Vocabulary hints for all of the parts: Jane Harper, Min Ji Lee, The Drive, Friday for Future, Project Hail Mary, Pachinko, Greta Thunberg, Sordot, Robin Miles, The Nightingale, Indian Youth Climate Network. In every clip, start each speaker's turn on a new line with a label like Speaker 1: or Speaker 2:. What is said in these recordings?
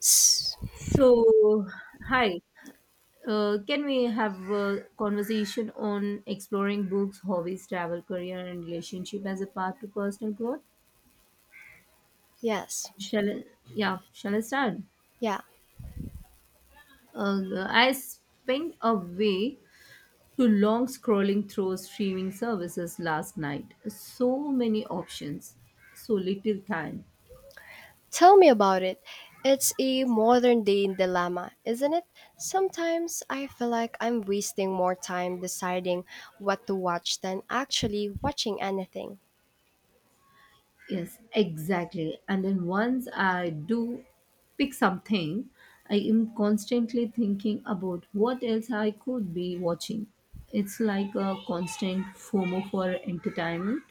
Speaker 1: S-
Speaker 2: So, hi. Can we have a conversation on exploring books, hobbies, travel, career, and relationship as a path to personal growth?
Speaker 1: Yes.
Speaker 2: Shall I, yeah, shall I start?
Speaker 1: Yeah.
Speaker 2: I spent away to long scrolling through streaming services last night. So many options, so little time.
Speaker 1: Tell me about it. It's a modern day dilemma, isn't it? Sometimes I feel like I'm wasting more time deciding what to watch than actually watching anything.
Speaker 2: Yes, exactly. And then once I do pick something, I am constantly thinking about what else I could be watching. It's like a constant FOMO for entertainment.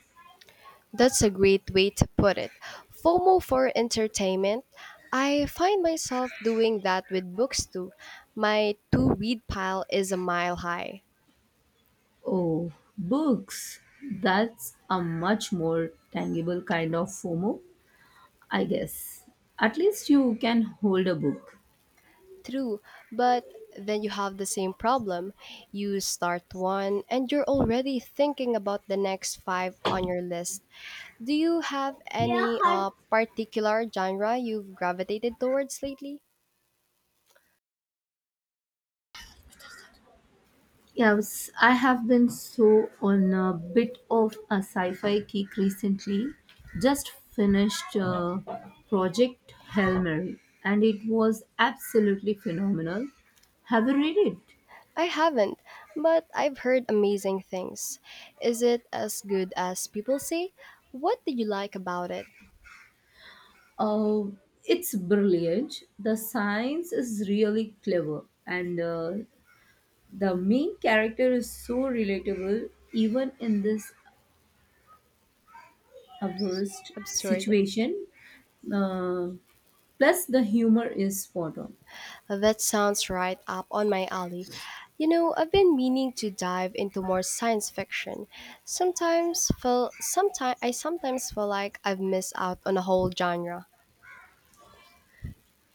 Speaker 1: That's a great way to put it. FOMO for entertainment. I find myself doing that with books too. My to read pile is a mile high.
Speaker 2: Oh, books. That's a much more tangible kind of FOMO, I guess. At least you can hold a book.
Speaker 1: True, but then you have the same problem. You start one and you're already thinking about the next five on your list. Do you have any particular genre you've gravitated towards lately?
Speaker 2: Yes, I have been so on a bit of a sci-fi kick recently. Just finished Project Hail Mary, and it was absolutely phenomenal. Have you read it?
Speaker 1: I haven't, but I've heard amazing things. Is it as good as people say? What did you like about it?
Speaker 2: Uh, it's brilliant. The science is really clever, and the main character is so relatable, even in this adverse
Speaker 1: Absurd.
Speaker 2: situation. Uh, Plus, the humor is spot on.
Speaker 1: That sounds right up on my alley. You know, I've been meaning to dive into more science fiction. Sometimes feel sometimes I sometimes feel like I've missed out on a whole genre.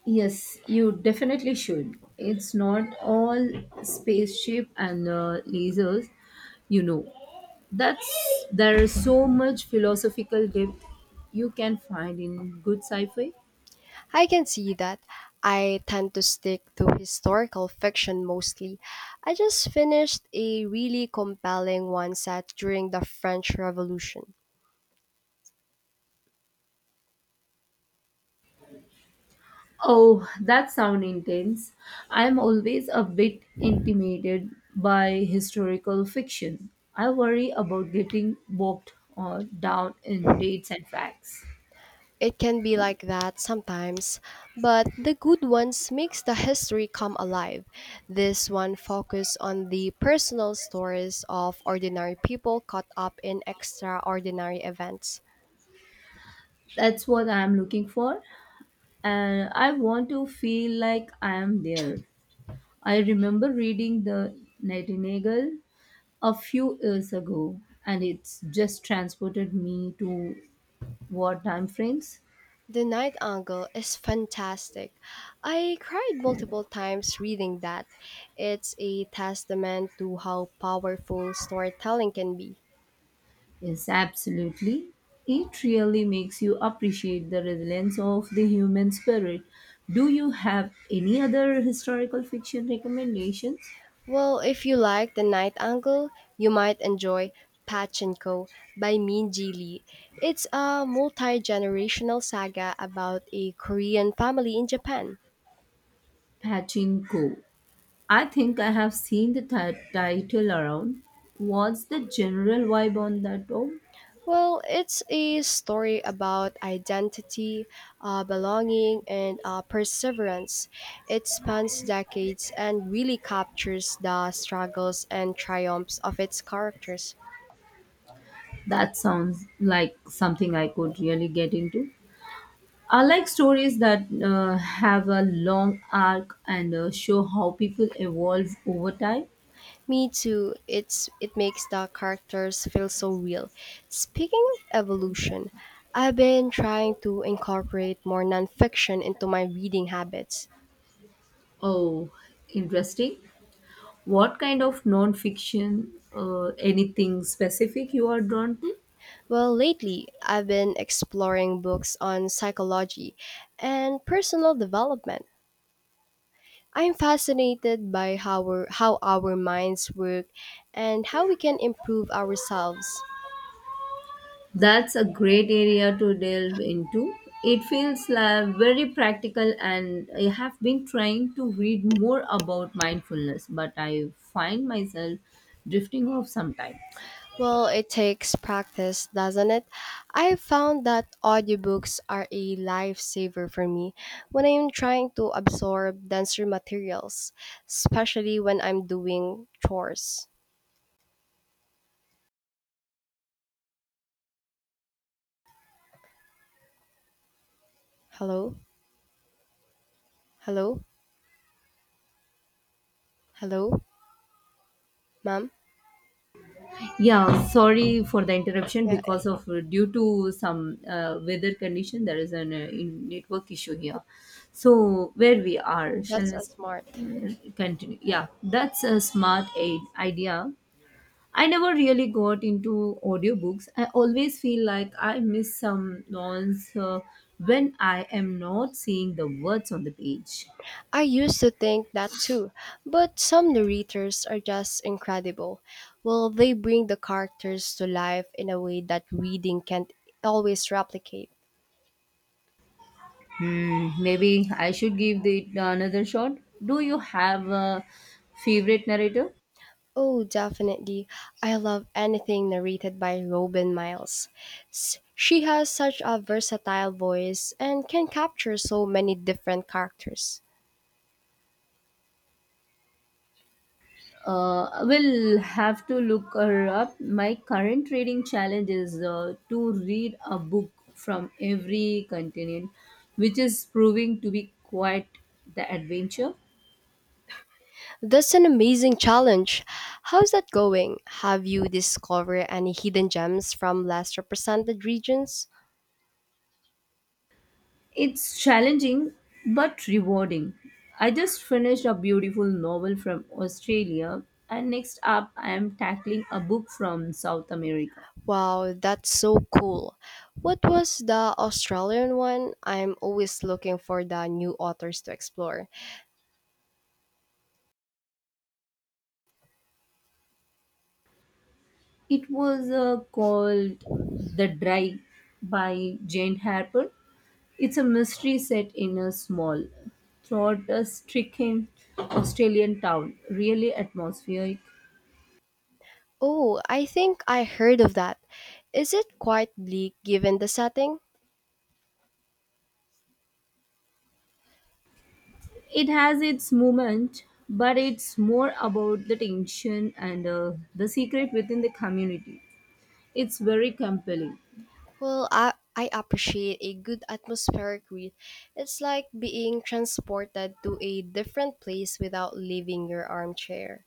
Speaker 2: Yes, you definitely should. It's not all spaceship and lasers, you know. That's there is so much philosophical depth you can find in good sci-fi.
Speaker 1: I can see that. I tend to stick to historical fiction mostly. I just finished a really compelling one set during the French Revolution.
Speaker 2: Oh, that sound intense. I am always a bit intimidated by historical fiction. I worry about getting bogged or down in dates and facts.
Speaker 1: It can be like that sometimes, but the good ones makes the history come alive. This one focus on the personal stories of ordinary people caught up in extraordinary events.
Speaker 2: That's what I am looking for, and I want to feel like I am there. I remember reading The Nightingale a few years ago, and it's just transported me to wartime frames.
Speaker 1: The Night Angle is fantastic. I cried multiple times reading that. It's a testament to how powerful storytelling can be.
Speaker 2: Yes, absolutely. It really makes you appreciate the resilience of the human spirit. Do you have any other historical fiction recommendations?
Speaker 1: Well, if you like The Night Angle, you might enjoy Pachinko by Min Ji Lee. It's a multi generational saga about a Korean family in Japan.
Speaker 2: Pachinko, I think I have seen the title around. What's the general vibe on that? Oh,
Speaker 1: Well, it's a story about identity, belonging, and perseverance. It spans decades and really captures the struggles and triumphs of its characters.
Speaker 2: that sounds like something I could really get into. I like stories that have a long arc and show how people evolve over time.
Speaker 1: Me too. It makes the characters feel so real. Speaking of evolution, I've been trying to incorporate more nonfiction into my reading habits.
Speaker 2: Oh, interesting. What kind of non fiction, anything specific you are drawn to?
Speaker 1: Well, lately, I've been exploring books on psychology and personal development. I'm fascinated by how, how our minds work and how we can improve ourselves.
Speaker 2: That's a great area to delve into. It feels like very practical, and I have been trying to read more about mindfulness, but I find myself drifting off sometimes.
Speaker 1: Well, it takes practice, doesn't it? I found that audiobooks are a lifesaver for me when I'm trying to absorb denser materials, especially when I'm doing chores. Hello? Hello? Hello? Ma'am?
Speaker 2: Yeah, sorry for the interruption
Speaker 1: Yeah,
Speaker 2: because of due to some weather condition, there is an network issue here. So where we are,
Speaker 1: that's a smart.
Speaker 2: continue? Yeah, that's a smart aid idea. I never really got into audiobooks. I always feel like I miss some nuance when I am not seeing the words on the page.
Speaker 1: I used to think that too, but some narrators are just incredible. Well, they bring the characters to life in a way that reading can't always replicate.
Speaker 2: Hmm, maybe I should give it another shot. Do you have a favorite narrator?
Speaker 1: Oh, definitely. I love anything narrated by Robin Miles. She has such a versatile voice and can capture so many different characters.
Speaker 2: Will have to look her up. My current reading challenge is to read a book from every continent, which is proving to be quite the adventure.
Speaker 1: That's an amazing challenge. How's that going? Have you discovered any hidden gems from less represented regions?
Speaker 2: It's challenging but rewarding. I just finished a beautiful novel from Australia, and next up, I am tackling a book from South America.
Speaker 1: Wow, that's so cool. What was the Australian one? I'm always looking for the new authors to explore.
Speaker 2: It was called The Drive by Jane Harper. It's a mystery set in a small, thought stricken Australian town, really atmospheric.
Speaker 1: Oh, I think I heard of that. Is it quite bleak given the setting?
Speaker 2: It has its moment, but it's more about the tension and the secret within the community. It's very compelling.
Speaker 1: Well, I appreciate a good atmospheric read. It's like being transported to a different place without leaving your armchair.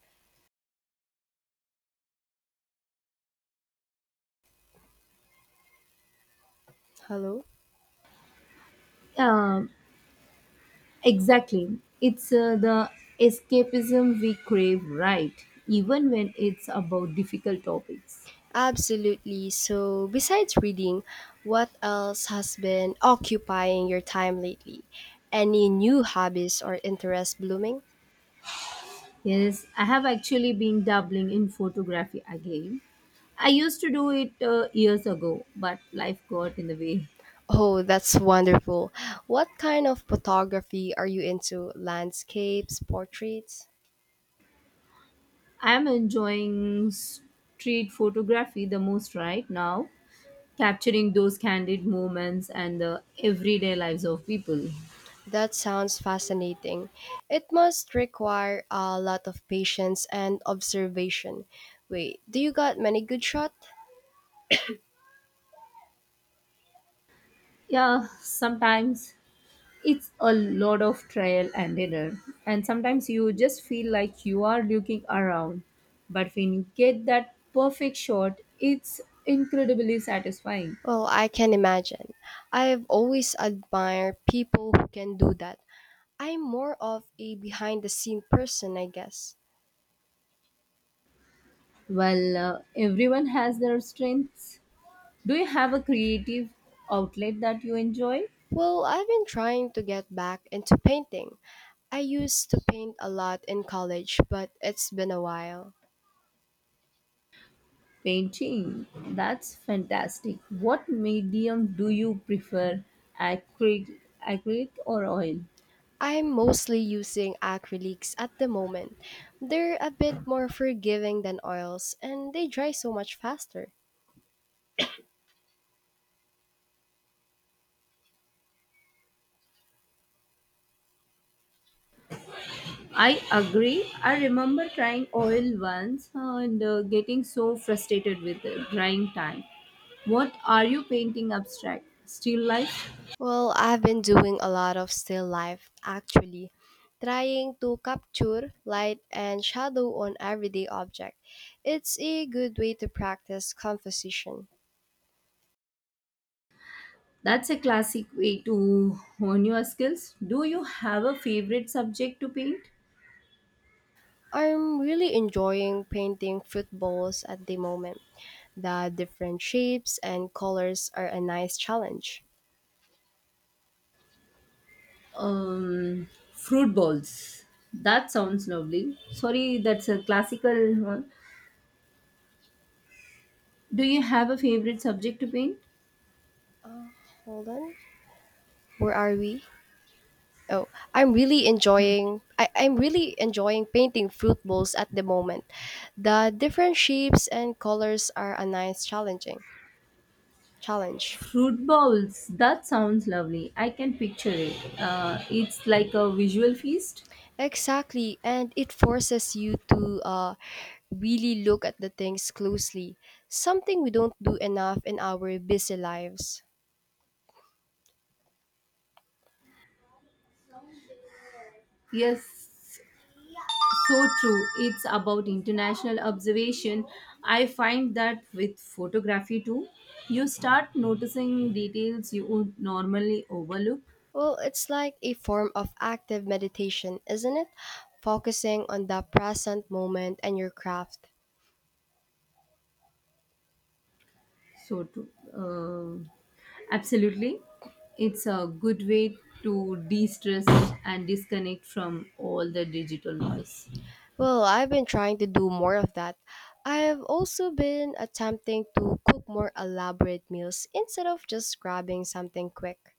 Speaker 1: Hello?
Speaker 2: Um, exactly. It's the escapism we crave, right? Even when it's about difficult topics.
Speaker 1: Absolutely. So, besides reading, what else has been occupying your time lately? Any new hobbies or interests blooming?
Speaker 2: Yes, I have actually been dabbling in photography again. I used to do it years ago, but life got in the way.
Speaker 1: Oh, that's wonderful. What kind of photography are you into? Landscapes, portraits?
Speaker 2: I'm enjoying street photography the most right now, capturing those candid moments and the everyday lives of people.
Speaker 1: That sounds fascinating. It must require a lot of patience and observation. Wait, do you got many good shots?
Speaker 2: Yeah, sometimes it's a lot of trial and error, and sometimes you just feel like you are looking around, but when you get that perfect shot, it's incredibly satisfying.
Speaker 1: Well, I can imagine. I've always admired people who can do that. I'm more of a behind the scene person, I guess.
Speaker 2: Well, everyone has their strengths. Do you have a creative outlet that you enjoy?
Speaker 1: Well, I've been trying to get back into painting. I used to paint a lot in college, but it's been a while.
Speaker 2: Painting, that's fantastic. What medium do you prefer, acrylic acrylic or oil?
Speaker 1: I'm mostly using acrylics at the moment. They're a bit more forgiving than oils and they dry so much faster.
Speaker 2: I agree. I remember trying oil once and getting so frustrated with the drying time. What are you painting? Abstract? Still life?
Speaker 1: Well, I've been doing a lot of still life actually, trying to capture light and shadow on everyday object. It's a good way to practice composition.
Speaker 2: That's a classic way to hone your skills. Do you have a favorite subject to paint?
Speaker 1: I'm really enjoying painting footballs at the moment. The different shapes and colors are a nice challenge.
Speaker 2: Fruit bowls. That sounds lovely. Sorry, that's a classical one. Do you have a favorite subject to paint?
Speaker 1: Uh, hold on. Where are we? Oh, I'm really enjoying painting fruit bowls at the moment. The different shapes and colors are a nice challenging challenge.
Speaker 2: Fruit bowls. That sounds lovely. I can picture it. It's like a visual feast.
Speaker 1: Exactly, and it forces you to really look at the things closely, something we don't do enough in our busy lives.
Speaker 2: Yes, so true. It's about international observation. I find that with photography too, you start noticing details you would normally overlook.
Speaker 1: Well, it's like a form of active meditation, isn't it? Focusing on the present moment and your craft.
Speaker 2: So true. Uh, Absolutely. It's a good way to de stress and disconnect from all the digital noise.
Speaker 1: Well, I've been trying to do more of that. I've also been attempting to cook more elaborate meals instead of just grabbing something quick.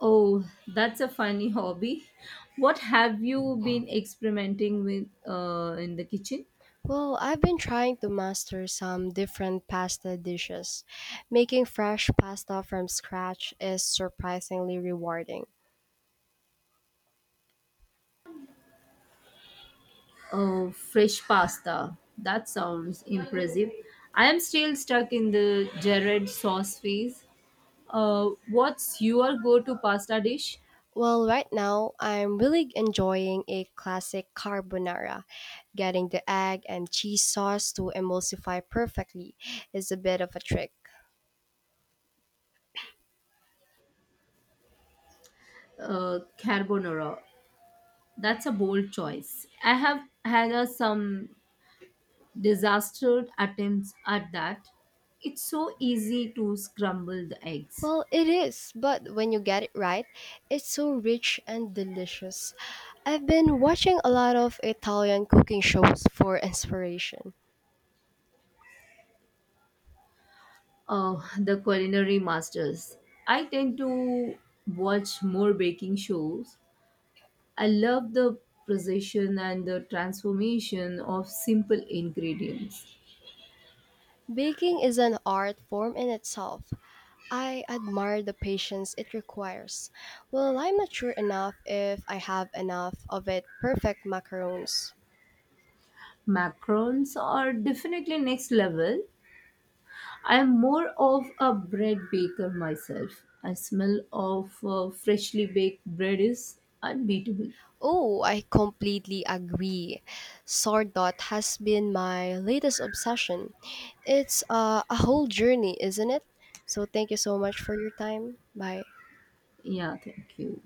Speaker 2: Oh, that's a funny hobby. What have you been experimenting with in the kitchen?
Speaker 1: Well, I've been trying to master some different pasta dishes. Making fresh pasta from scratch is surprisingly rewarding.
Speaker 2: Oh, fresh pasta. That sounds impressive. I am still stuck in the Jared sauce phase. What's your go to pasta dish?
Speaker 1: Well, right now I'm really enjoying a classic carbonara. Getting the egg and cheese sauce to emulsify perfectly is a bit of a trick.
Speaker 2: Carbonara. That's a bold choice. I have had some disastrous attempts at that. It's so easy to scramble the eggs.
Speaker 1: Well, it is, but when you get it right, it's so rich and delicious. I've been watching a lot of Italian cooking shows for inspiration.
Speaker 2: Oh, the culinary masters. I tend to watch more baking shows. I love the precision and the transformation of simple ingredients.
Speaker 1: Baking is an art form in itself, I admire the patience it requires. Well, I'm not sure enough if I have enough of it perfect macarons.
Speaker 2: Macarons are definitely next level. I am more of a bread baker myself. I smell of freshly baked bread is unbeatable.
Speaker 1: Oh, I completely agree. Sordot has been my latest obsession. It's a whole journey, isn't it? So thank you so much for your time. Bye.
Speaker 2: Yeah, thank you.